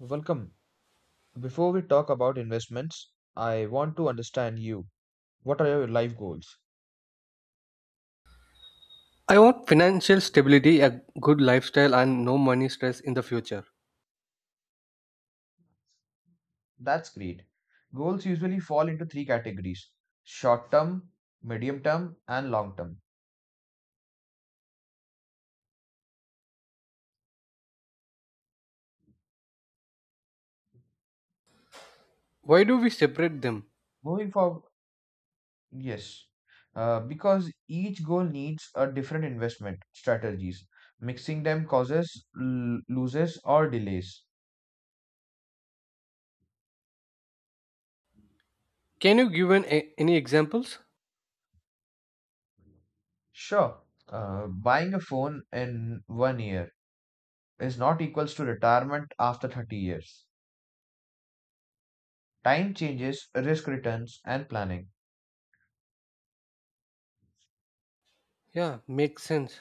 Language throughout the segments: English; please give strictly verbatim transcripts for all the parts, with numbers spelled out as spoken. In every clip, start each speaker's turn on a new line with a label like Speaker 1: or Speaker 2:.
Speaker 1: Welcome. Before we talk about investments, I want to understand you. What are your life goals?
Speaker 2: I want financial stability, a good lifestyle, and no money stress in the future.
Speaker 1: That's great. Goals usually fall into three categories: short term, medium term, and long term.
Speaker 2: Why do we separate them?
Speaker 1: Moving forward, yes, uh, because each goal needs a different investment strategies. Mixing them causes l- loses or delays.
Speaker 2: Can you give an, a- any examples?
Speaker 1: Sure, uh, buying a phone in one year is not equals to retirement after thirty years. Time changes, risk returns, and planning.
Speaker 2: Yeah, makes sense.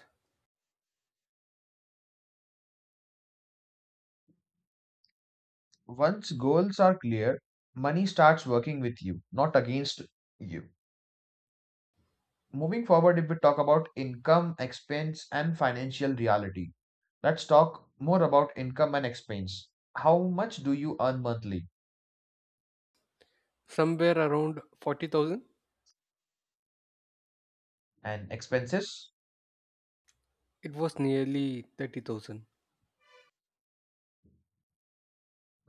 Speaker 1: Once goals are clear, money starts working with you, not against you. Moving forward, if we talk about income, expense, and financial reality, let's talk more about income and expense. How much do you earn monthly?
Speaker 2: Somewhere around forty thousand,
Speaker 1: And expenses?
Speaker 2: it was nearly thirty thousand.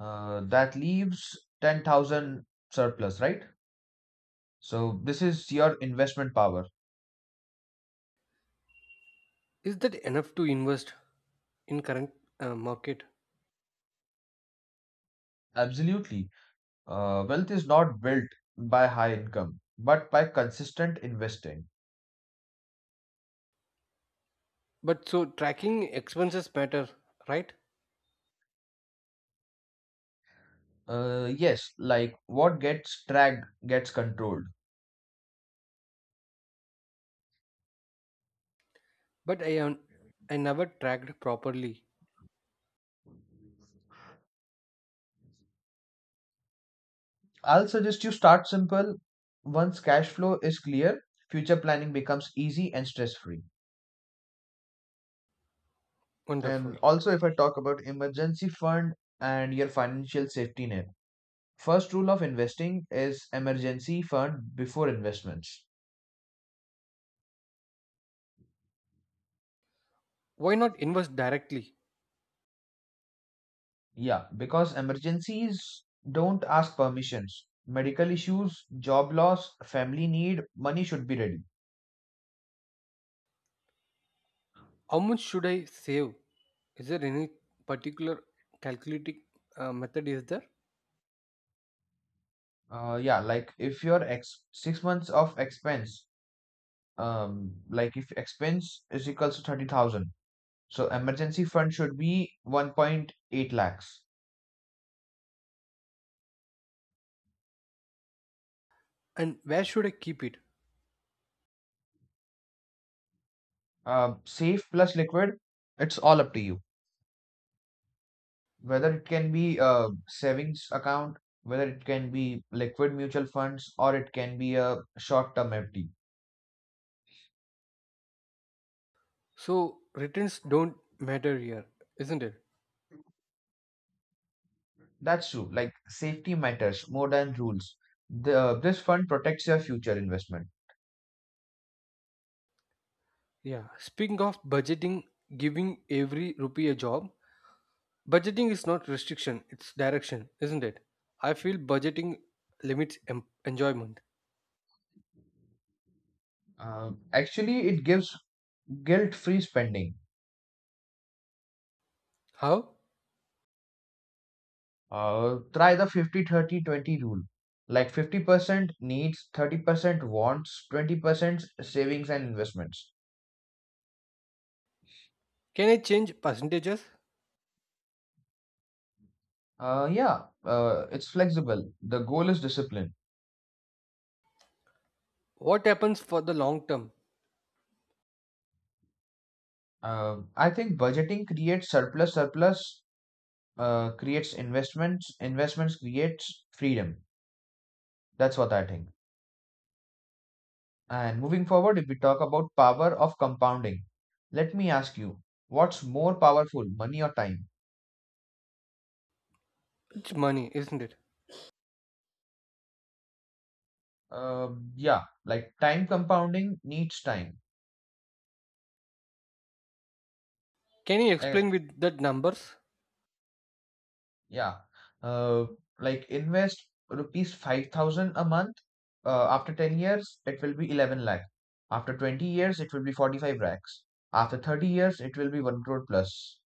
Speaker 1: Uh, that leaves ten thousand surplus, right? So, this is your investment power.
Speaker 2: Is that enough to invest in current uh, market?
Speaker 1: Absolutely. Uh, wealth is not built by high income, but by consistent investing.
Speaker 2: But so tracking expenses matter, right?
Speaker 1: Uh, yes, like what gets tracked gets controlled.
Speaker 2: But I am I never tracked properly.
Speaker 1: I'll suggest you start simple. Once cash flow is clear, future planning becomes easy and stress free.
Speaker 2: Wonderful.
Speaker 1: And also, if I talk about emergency fund and your financial safety net, first rule of investing is emergency fund before investments.
Speaker 2: Why not invest directly?
Speaker 1: Yeah, because emergencies don't ask permissions. Medical issues, job loss, family need, money should be ready.
Speaker 2: How much should I save? Is there any particular calculating uh, method is there?
Speaker 1: Uh, yeah, like if your ex six months of expense, um, like if expense is equals to thirty thousand, so emergency fund should be one point eight lakhs.
Speaker 2: And where should I keep it?
Speaker 1: Uh, safe plus liquid, it's all up to you. Whether it can be a savings account, whether it can be liquid mutual funds, or it can be a short-term F D.
Speaker 2: So returns don't matter here, isn't it?
Speaker 1: That's true. Like safety matters more than rules. The this fund protects your future investment.
Speaker 2: Yeah. Speaking of budgeting, giving every rupee a job, budgeting is not restriction, it's direction, isn't it? I feel budgeting limits em- enjoyment.
Speaker 1: Uh, actually, it gives guilt-free spending.
Speaker 2: How?
Speaker 1: Uh, try the fifty thirty twenty rule. Like fifty percent needs, thirty percent wants, twenty percent savings and investments.
Speaker 2: Can I change percentages?
Speaker 1: Uh, yeah, uh, it's flexible. The goal is discipline.
Speaker 2: What happens for the long term?
Speaker 1: Uh, I think budgeting creates surplus, surplus uh, creates investments, investments creates freedom. That's what I think. And moving forward, if we talk about power of compounding, let me ask you, what's more powerful, money or time?
Speaker 2: It's money, isn't it?
Speaker 1: Um yeah, like time compounding needs time.
Speaker 2: Can you
Speaker 1: Uh,
Speaker 2: explain with that numbers?
Speaker 1: yeah, uh, like invest rupees five thousand a month. Uh, after ten years, it will be eleven lakh. After twenty years, it will be forty-five lakhs. After thirty years, it will be one crore plus.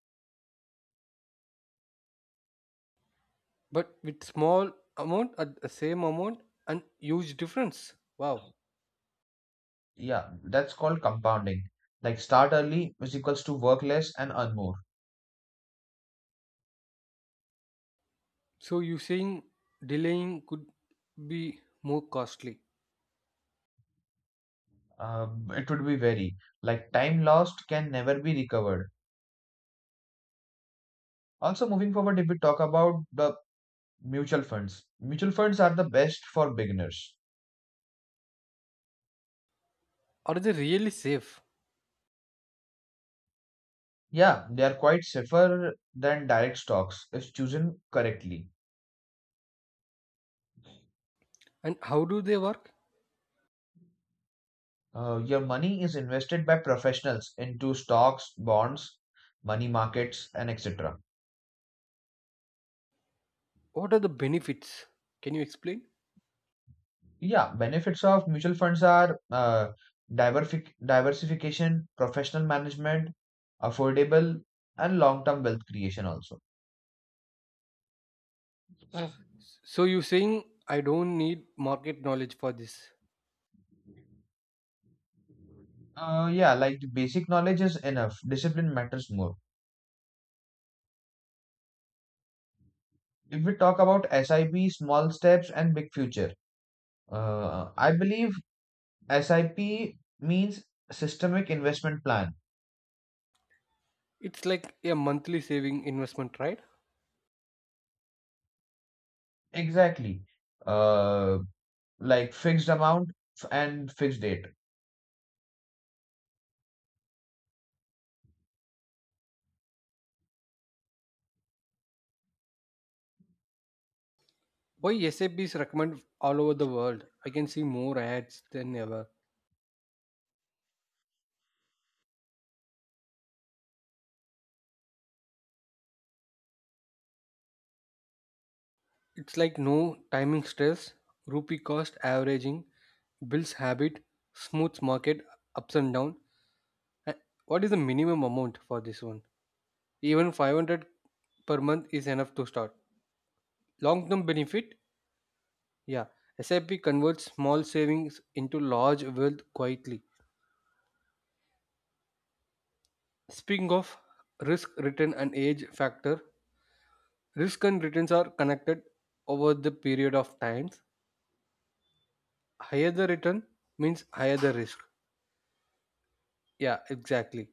Speaker 2: But with small amount at the same amount and huge difference. Wow.
Speaker 1: Yeah, that's called compounding. Like start early, which equals to work less and earn more.
Speaker 2: So you saying delaying could be more costly?
Speaker 1: Uh, it would be very, like time lost can never be recovered. Also, moving forward, if we talk about the mutual funds, mutual funds are the best for beginners.
Speaker 2: Are they really safe?
Speaker 1: Yeah, they are quite safer than direct stocks if chosen correctly.
Speaker 2: And how do they work?
Speaker 1: Uh, your money is invested by professionals into stocks, bonds, money markets, and et cetera.
Speaker 2: What are the benefits? Can you explain?
Speaker 1: Yeah, benefits of mutual funds are uh, diversific- diversification, professional management, affordable, and long term wealth creation also. So,
Speaker 2: So you saying I don't need market knowledge for this?
Speaker 1: Uh, yeah, like the basic knowledge is enough. Discipline matters more. If we talk about S I P, small steps, and big future, uh, I believe S I P means systemic investment plan.
Speaker 2: It's like a monthly saving investment, right?
Speaker 1: Exactly. Uh, like fixed amount f- and fixed date.
Speaker 2: Why saps recommend all over the world? I can see more ads than ever. It's like no timing stress, rupee cost averaging, bills habit, smooth market ups and down. And what is the minimum amount for this one? Even five hundred per month is enough to start. Long term benefit? Yeah. SIP converts small savings into large wealth quietly. Speaking of risk, return, and age factor, risk and returns are connected over the period of times. Higher the return means higher the risk. Yeah, exactly.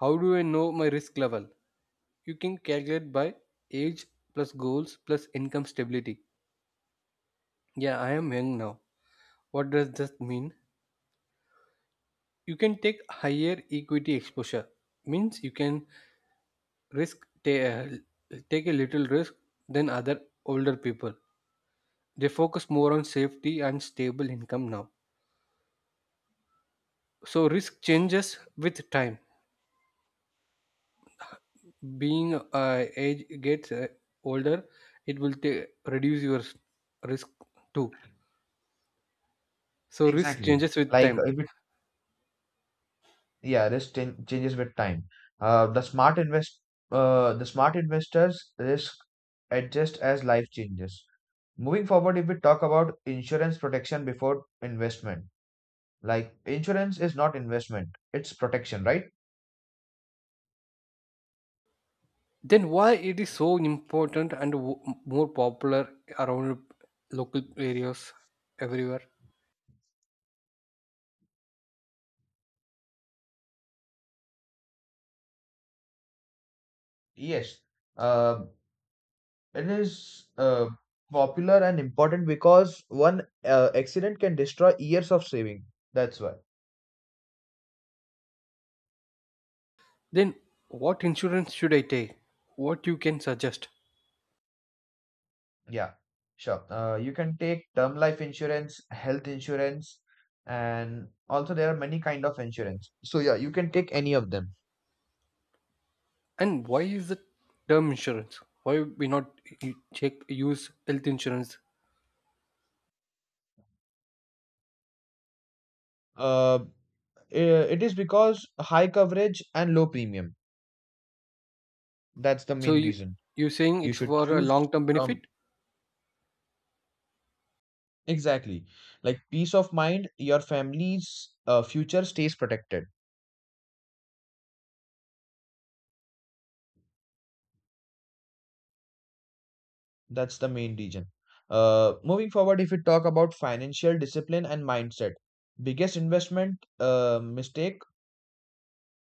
Speaker 2: How do I know my risk level? You can calculate by age plus goals plus income stability. Yeah, I am young now. What does that mean? You can take higher equity exposure. Means you can risk ta- take a little risk than other older people. They focus more on safety and stable income now. So risk changes with time. Being uh, age gets uh, older, it will ta- reduce your s- risk too. So risk
Speaker 1: Exactly.
Speaker 2: changes with
Speaker 1: Like
Speaker 2: time.
Speaker 1: if we Yeah, risk chan- changes with time. Uh, the smart invest uh, the smart investors risk adjust as life changes. Moving forward, if we talk about insurance protection before investment, like insurance is not investment, it's protection, right?
Speaker 2: Then why it is so important and w- more popular around local areas everywhere?
Speaker 1: Yes. Uh, it is uh, popular and important because one uh, accident can destroy years of saving. That's why.
Speaker 2: Then what insurance should I take? What you can suggest?
Speaker 1: Yeah, sure. Uh, you can take term life insurance, health insurance, and also there are many kind of insurance. So yeah, you can take any of them.
Speaker 2: And why is the term insurance? Why we not u- check use health insurance?
Speaker 1: Uh, i- it is because high coverage and low premium. That's the
Speaker 2: So
Speaker 1: main
Speaker 2: you
Speaker 1: reason.
Speaker 2: you saying
Speaker 1: You
Speaker 2: it's
Speaker 1: should
Speaker 2: for a
Speaker 1: choose,
Speaker 2: long term
Speaker 1: um
Speaker 2: benefit?
Speaker 1: exactly, like peace of mind, your family's uh, future stays protected. That's the main reason. Uh, moving forward, if we talk about financial discipline and mindset, biggest investment uh, mistake.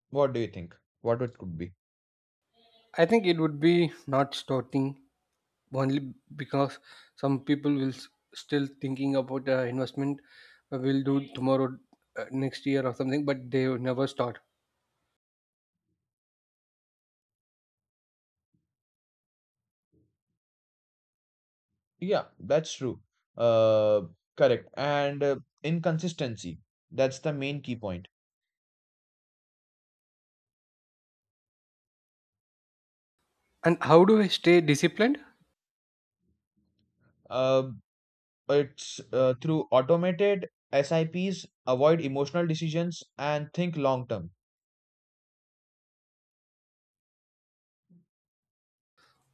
Speaker 1: What do you think? What it could be?
Speaker 2: I think it would be not starting only because some people will s- still thinking about uh, investment uh, will do tomorrow uh, next year or something, but they will never start.
Speaker 1: Yeah, that's true. Uh, Correct. And uh, inconsistency, that's the main key point.
Speaker 2: And how do I stay disciplined?
Speaker 1: Uh, it's uh, through automated S I Ps, avoid emotional decisions and think long term.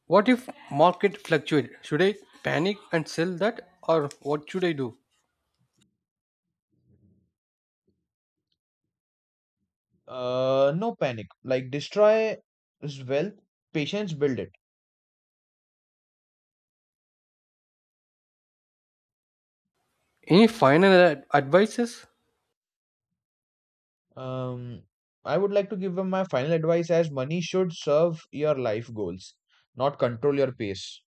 Speaker 2: What if market fluctuate? Should I panic and sell that, or what should I do?
Speaker 1: Uh, no panic. Like destroy is wealth, patience build it.
Speaker 2: Any final ad- advices?
Speaker 1: Um, I would like to give them my final advice as money should serve your life goals, not control your pace.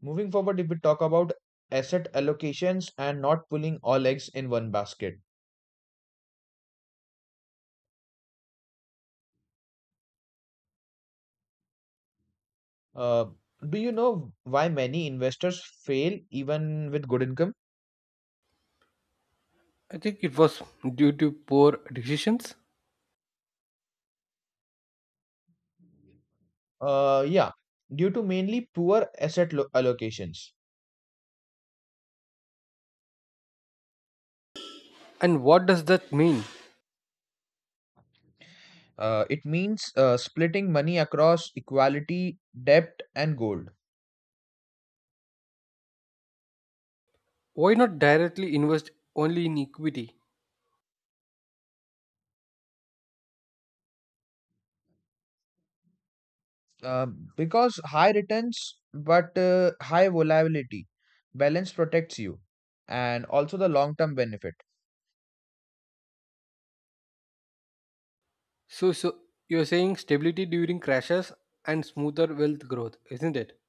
Speaker 1: Moving forward, if we talk about asset allocations and not pulling all eggs in one basket, uh, do you know why many investors fail even with good income?
Speaker 2: I think it was due to poor decisions.
Speaker 1: Uh, yeah, due to mainly poor asset lo- allocations.
Speaker 2: And what does that mean?
Speaker 1: Uh, it means uh, splitting money across equality, debt, and gold.
Speaker 2: Why not directly invest only in equity?
Speaker 1: Um, because high returns but uh, high volatility, balance protects you and also the long term benefit.
Speaker 2: So, so you're saying stability during crashes and smoother wealth growth, isn't it?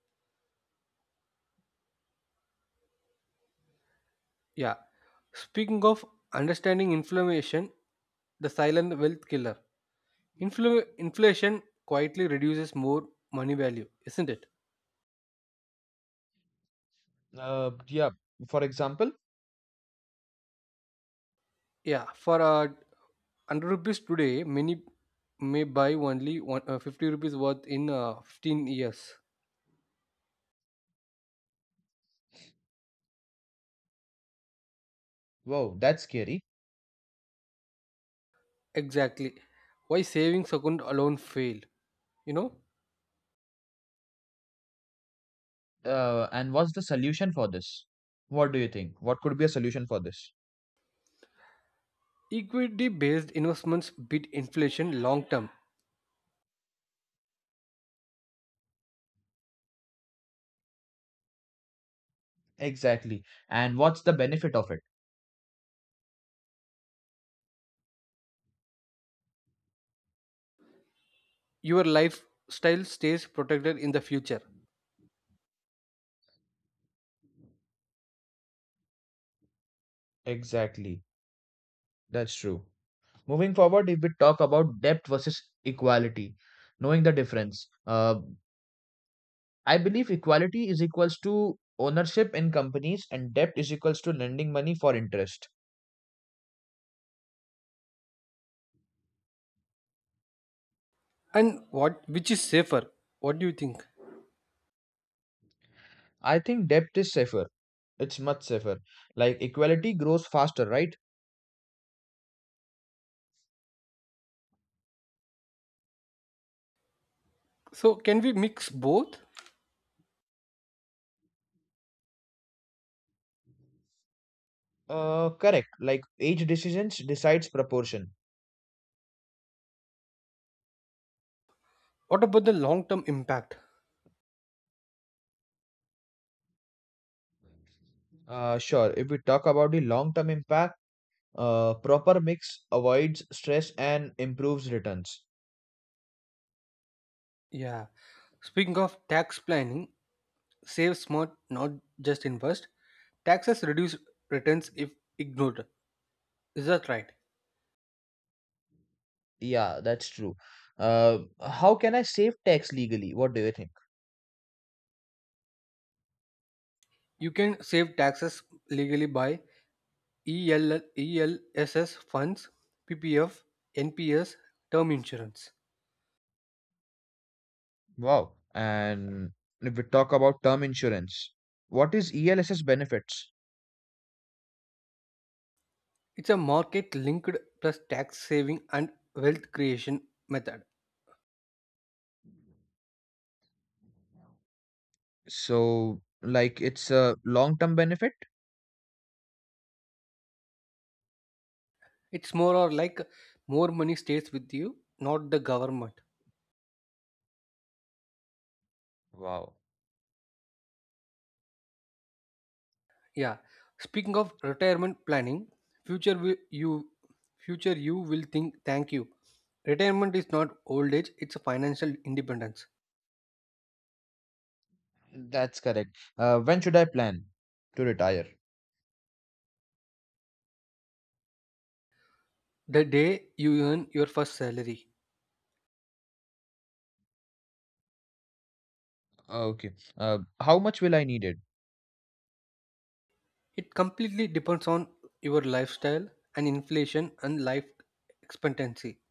Speaker 2: Yeah. Speaking of understanding inflammation, the silent wealth killer. Infl- inflation quietly reduces more money value, isn't it?
Speaker 1: Uh, yeah, for example.
Speaker 2: Yeah. For uh, one hundred rupees today, many may buy only one, uh, fifty rupees worth in uh, fifteen years.
Speaker 1: Wow, that's scary.
Speaker 2: Exactly. Why savings account alone fail? You know,
Speaker 1: Uh, and what's the solution for this? What do you think? What could be a solution for this?
Speaker 2: Equity based investments beat inflation long term.
Speaker 1: Exactly. And what's the benefit of it?
Speaker 2: Your lifestyle stays protected in the future.
Speaker 1: Exactly. That's true. Moving forward, if we talk about depth versus equality, knowing the difference, uh, I believe equality is equals to ownership in companies and debt is equals to lending money for interest.
Speaker 2: And what which is safer? What do you think?
Speaker 1: I think debt is safer. It's much safer. Like equality grows faster, right?
Speaker 2: So can we mix both?
Speaker 1: Uh, correct. Like age decisions decides proportion.
Speaker 2: What about the long term impact?
Speaker 1: Uh, sure. If we talk about the long-term impact, uh, proper mix avoids stress and improves returns.
Speaker 2: Yeah. Speaking of tax planning, save smart not just invest. Taxes reduce returns if ignored, is that right?
Speaker 1: Yeah, that's true. Uh, how can I save tax legally? What do you think?
Speaker 2: You can save taxes legally by E L E L S S funds, P P F, N P S, term insurance.
Speaker 1: Wow. And if we talk about term insurance, what is E L S S benefits?
Speaker 2: It's a market linked plus tax saving and wealth creation method.
Speaker 1: So, like, it's a long-term benefit?
Speaker 2: It's more or like more money stays with you, not the government.
Speaker 1: Wow.
Speaker 2: Yeah. Speaking of retirement planning, future will you future you will think thank you. Retirement is not old age, it's a financial independence.
Speaker 1: That's correct. Uh, when should I plan to retire?
Speaker 2: The day you earn your first salary.
Speaker 1: Okay. Uh, how much will I need it?
Speaker 2: It completely depends on your lifestyle and inflation and life expectancy.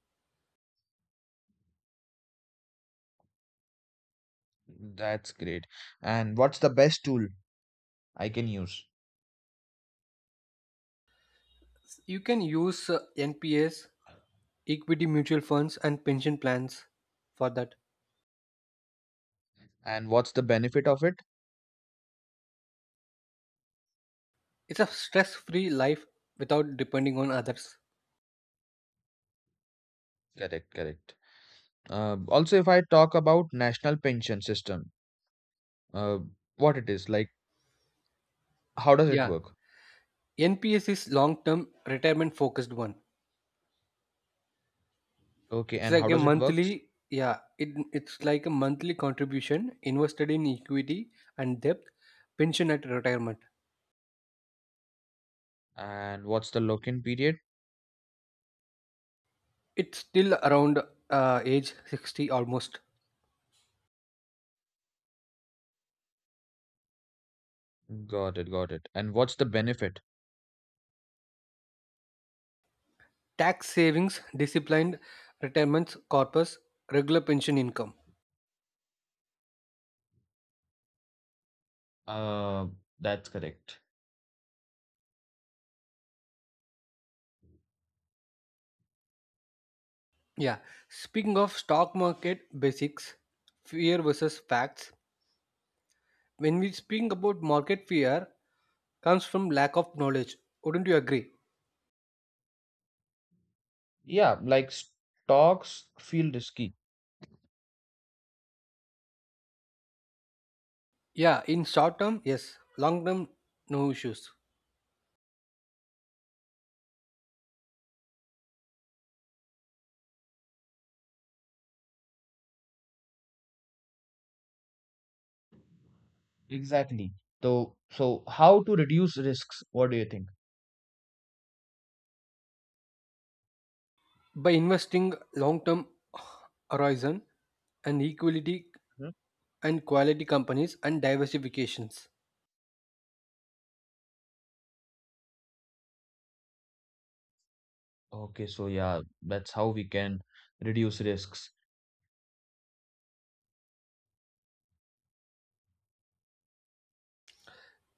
Speaker 1: That's great. And what's the best tool I can use?
Speaker 2: You can use uh, N P S equity mutual funds and pension plans for that.
Speaker 1: And what's the benefit of it?
Speaker 2: It's a stress-free life without depending on others.
Speaker 1: Correct, correct. Uh, also, if I talk about national pension system, uh, what it is like, how does it
Speaker 2: Yeah.
Speaker 1: work?
Speaker 2: N P S is long-term retirement focused one.
Speaker 1: Okay,
Speaker 2: It's
Speaker 1: and
Speaker 2: like
Speaker 1: how
Speaker 2: a
Speaker 1: does it works?
Speaker 2: monthly Yeah, it, it's like a monthly contribution invested in equity and debt pension at retirement.
Speaker 1: And what's the lock-in period?
Speaker 2: It's still around uh, age sixty almost.
Speaker 1: Got it, got it. And what's the benefit?
Speaker 2: Tax savings, disciplined retirements corpus, regular pension income.
Speaker 1: Uh, that's correct.
Speaker 2: Yeah, speaking of stock market basics, fear versus facts. When we speak about market fear, comes from lack of knowledge. Wouldn't you agree?
Speaker 1: Yeah, like stocks feel risky.
Speaker 2: Yeah, in short term, yes. Long term, no issues.
Speaker 1: Exactly. So, so how to reduce risks? What do you think?
Speaker 2: By investing long term horizon and equality and quality companies and diversifications.
Speaker 1: Okay, so yeah, that's how we can reduce risks.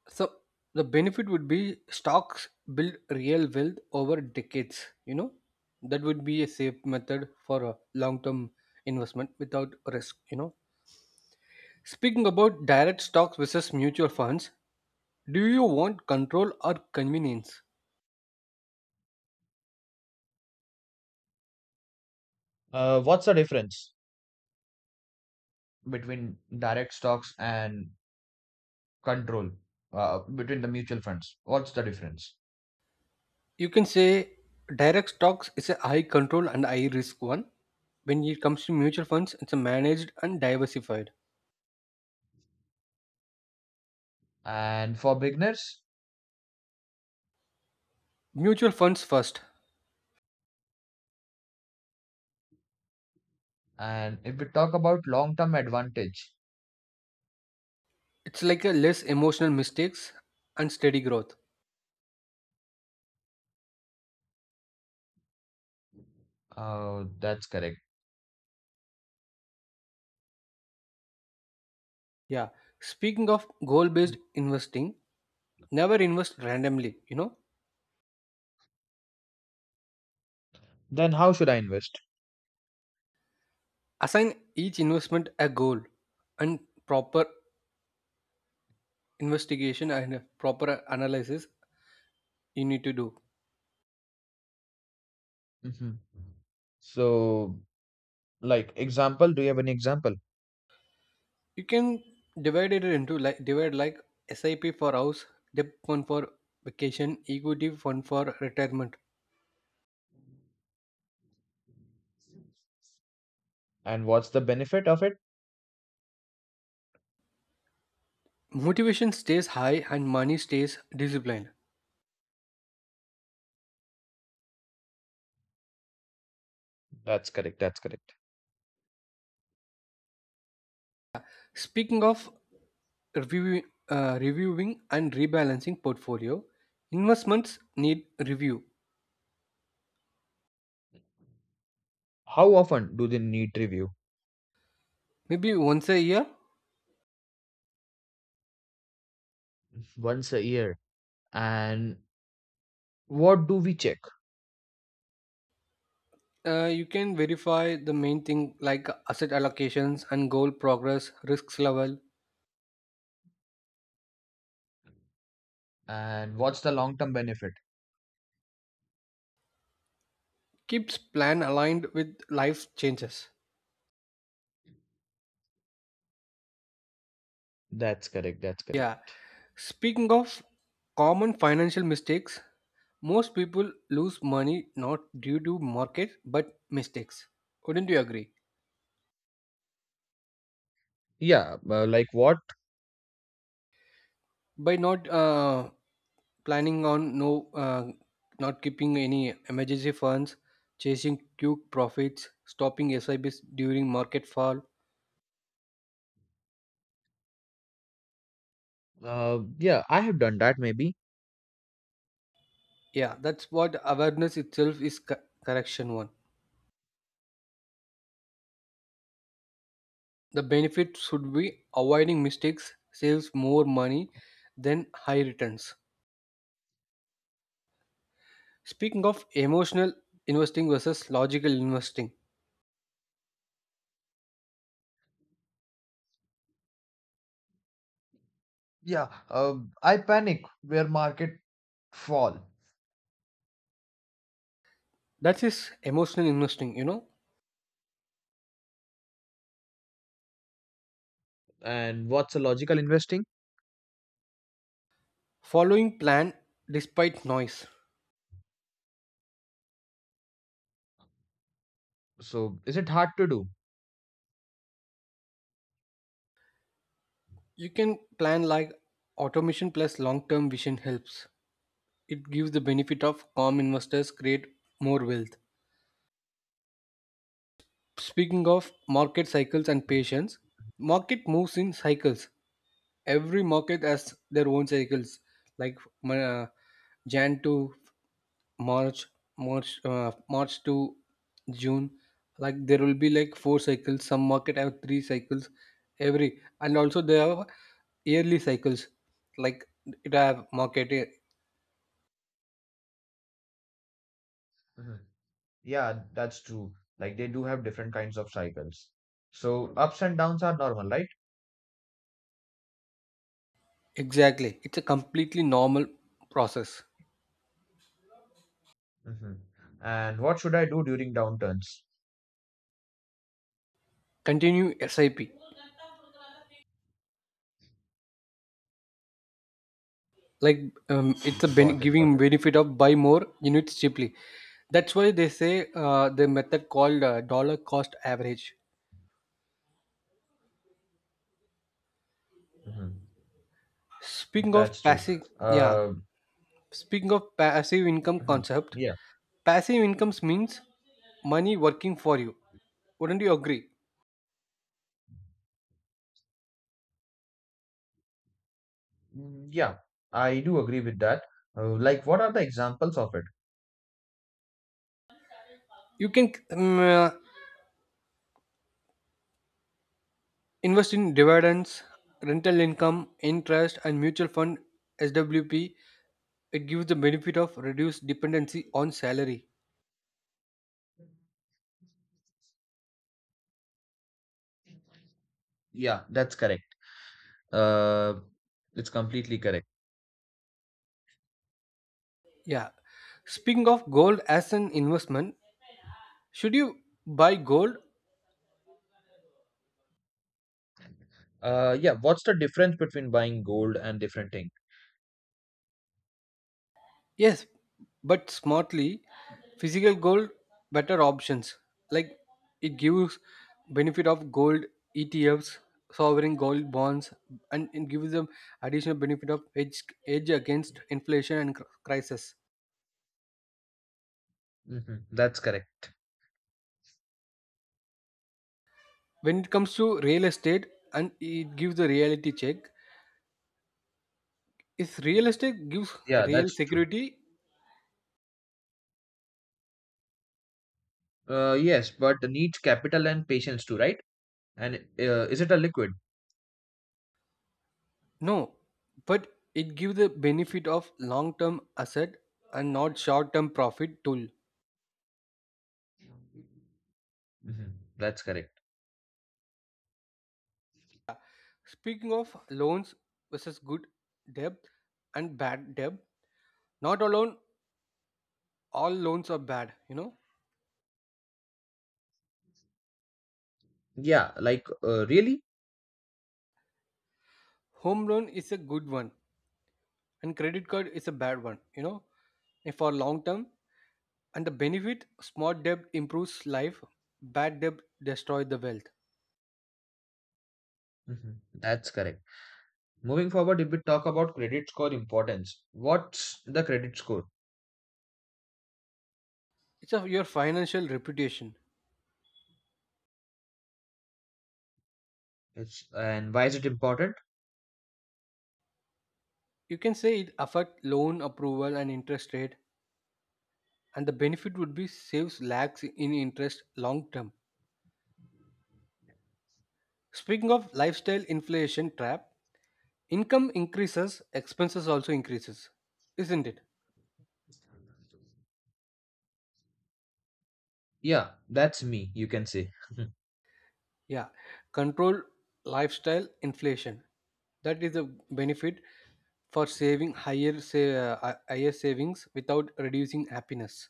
Speaker 2: So the benefit would be stocks build real wealth over decades. You know, that would be a safe method for a long-term investment without risk. You know, speaking about direct stocks versus mutual funds, do you want control or convenience?
Speaker 1: Uh, what's the difference between direct stocks and control, uh, between the mutual funds? What's the difference?
Speaker 2: You can say direct stocks is a high control and high risk one. When it comes to mutual funds, it's a managed and diversified.
Speaker 1: And for beginners,
Speaker 2: Mutual funds first.
Speaker 1: and if we talk about long-term advantage,
Speaker 2: It's like a less emotional mistakes and steady growth.
Speaker 1: uh, that's correct.
Speaker 2: Yeah. Speaking of goal based investing, never invest randomly. You know,
Speaker 1: Then how should I invest?
Speaker 2: assign each investment a goal and proper investigation and a proper analysis you need to do.
Speaker 1: Hmm. So, like example, do you have an example?
Speaker 2: You can divide it into like divide like SIP for house, debt fund for vacation, equity fund for retirement.
Speaker 1: And what's the benefit of it?
Speaker 2: Motivation stays high and money stays disciplined.
Speaker 1: That's correct. That's correct.
Speaker 2: Speaking of reviewing, uh, reviewing and rebalancing portfolio, investments need review.
Speaker 1: How often do they need review?
Speaker 2: Maybe once a year,
Speaker 1: Once a year. And what do we check,
Speaker 2: uh, you can verify the main thing like asset allocations and goal progress, risks level.
Speaker 1: and what's the long term benefit?
Speaker 2: Keeps plan aligned with life changes.
Speaker 1: That's correct. That's correct.
Speaker 2: Yeah. Speaking of common financial mistakes, most people lose money not due to market but mistakes. Wouldn't you agree?
Speaker 1: Yeah, uh, like what?
Speaker 2: By not uh, planning on no, uh, not keeping any emergency funds, chasing quick profits, stopping S I Bs during market fall.
Speaker 1: Uh, yeah, I have done that maybe.
Speaker 2: Yeah, that's what awareness itself is co- correction one. The benefit should be avoiding mistakes saves more money than high returns. Speaking of emotional investing versus logical investing,
Speaker 1: Yeah, uh, I panic where market fall.
Speaker 2: that is emotional investing, you know,
Speaker 1: And what's a logical investing?
Speaker 2: Following plan despite noise.
Speaker 1: So is it hard to do?
Speaker 2: You can plan like automation plus long term vision helps. It gives the benefit of calm investors create more wealth. Speaking of market cycles and patience, market moves in cycles. Every market has their own cycles like uh, jan to march march uh, march to june. Like there will be like four cycles. Some market have three cycles every, and also they have yearly cycles like it have market.
Speaker 1: Mhm. Yeah, that's true. Like they do have different kinds of cycles. So ups and downs are normal, right?
Speaker 2: Exactly. It's a completely normal process.
Speaker 1: Hmm. And what should I do during downturns?
Speaker 2: Continue SIP. Like um, it's a ben-
Speaker 1: Got it, got
Speaker 2: giving
Speaker 1: it.
Speaker 2: benefit of buy more units cheaply. That's why they say uh, the method called uh, dollar cost average.
Speaker 1: Hmm.
Speaker 2: Speaking of
Speaker 1: That's true.
Speaker 2: passive. Yeah,
Speaker 1: Uh,
Speaker 2: speaking of passive income
Speaker 1: mhm.
Speaker 2: concept.
Speaker 1: Yeah.
Speaker 2: Passive incomes means money working for you. Wouldn't you agree?
Speaker 1: Mm, yeah, I do agree with that. Uh, like, what are the examples of it?
Speaker 2: You can um, uh, invest in dividends, rental income, interest, and mutual fund S W P. It gives the benefit of reduced dependency on salary.
Speaker 1: Yeah, that's correct. Uh, it's completely correct.
Speaker 2: Yeah. Speaking of gold as an investment, should you buy gold?
Speaker 1: Uh, yeah, what's the difference between buying gold and different thing?
Speaker 2: Yes, but smartly. Physical gold, better options. Like it gives benefit of gold E T Fs, sovereign gold bonds, and it gives them additional benefit of hedge, hedge against inflation and cr- crisis.
Speaker 1: Hmm. That's correct.
Speaker 2: When it comes to real estate, and it gives a reality check. If real estate gives
Speaker 1: Yeah,
Speaker 2: real
Speaker 1: that's true.
Speaker 2: security.
Speaker 1: Uh, yes, but needs capital and patience too, right? And uh, is it a liquid?
Speaker 2: No, but it gives the benefit of long-term asset and not short-term profit tool.
Speaker 1: Hmm. That's correct.
Speaker 2: Speaking of loans versus good debt and bad debt, not alone all loans are bad, you know.
Speaker 1: Yeah, like uh, really?
Speaker 2: Home loan is a good one and credit card is a bad one, you know. And for long term and the benefit smart debt improves life, bad debt destroys the wealth.
Speaker 1: Hmm. That's correct. Moving forward, if we talk about credit score importance, what's the credit score?
Speaker 2: It's of your financial reputation.
Speaker 1: It's, and why is it important?
Speaker 2: You can say it affect loan approval and interest rate and the benefit would be saves lakhs in interest long term. Speaking of lifestyle inflation trap, income increases, expenses also increases, isn't it?
Speaker 1: Yeah, that's me, you can say.
Speaker 2: Yeah, control lifestyle inflation. That is a benefit for saving higher say uh, hi- higher savings without reducing happiness.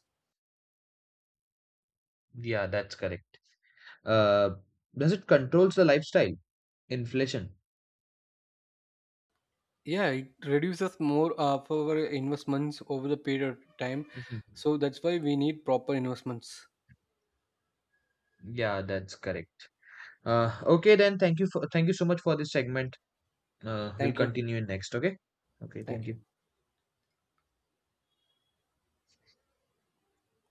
Speaker 1: Yeah, that's correct. Uh, does it controls the lifestyle? Inflation.
Speaker 2: Yeah, it reduces more of our investments over the period of time.
Speaker 1: Mhm.
Speaker 2: So that's why we need proper investments.
Speaker 1: Yeah, that's correct. Uh, okay then, thank you for thank you so much for this segment. Uh, we'll
Speaker 2: Thank you.
Speaker 1: continue in next, okay? Okay, thank
Speaker 2: Thank you.
Speaker 1: you.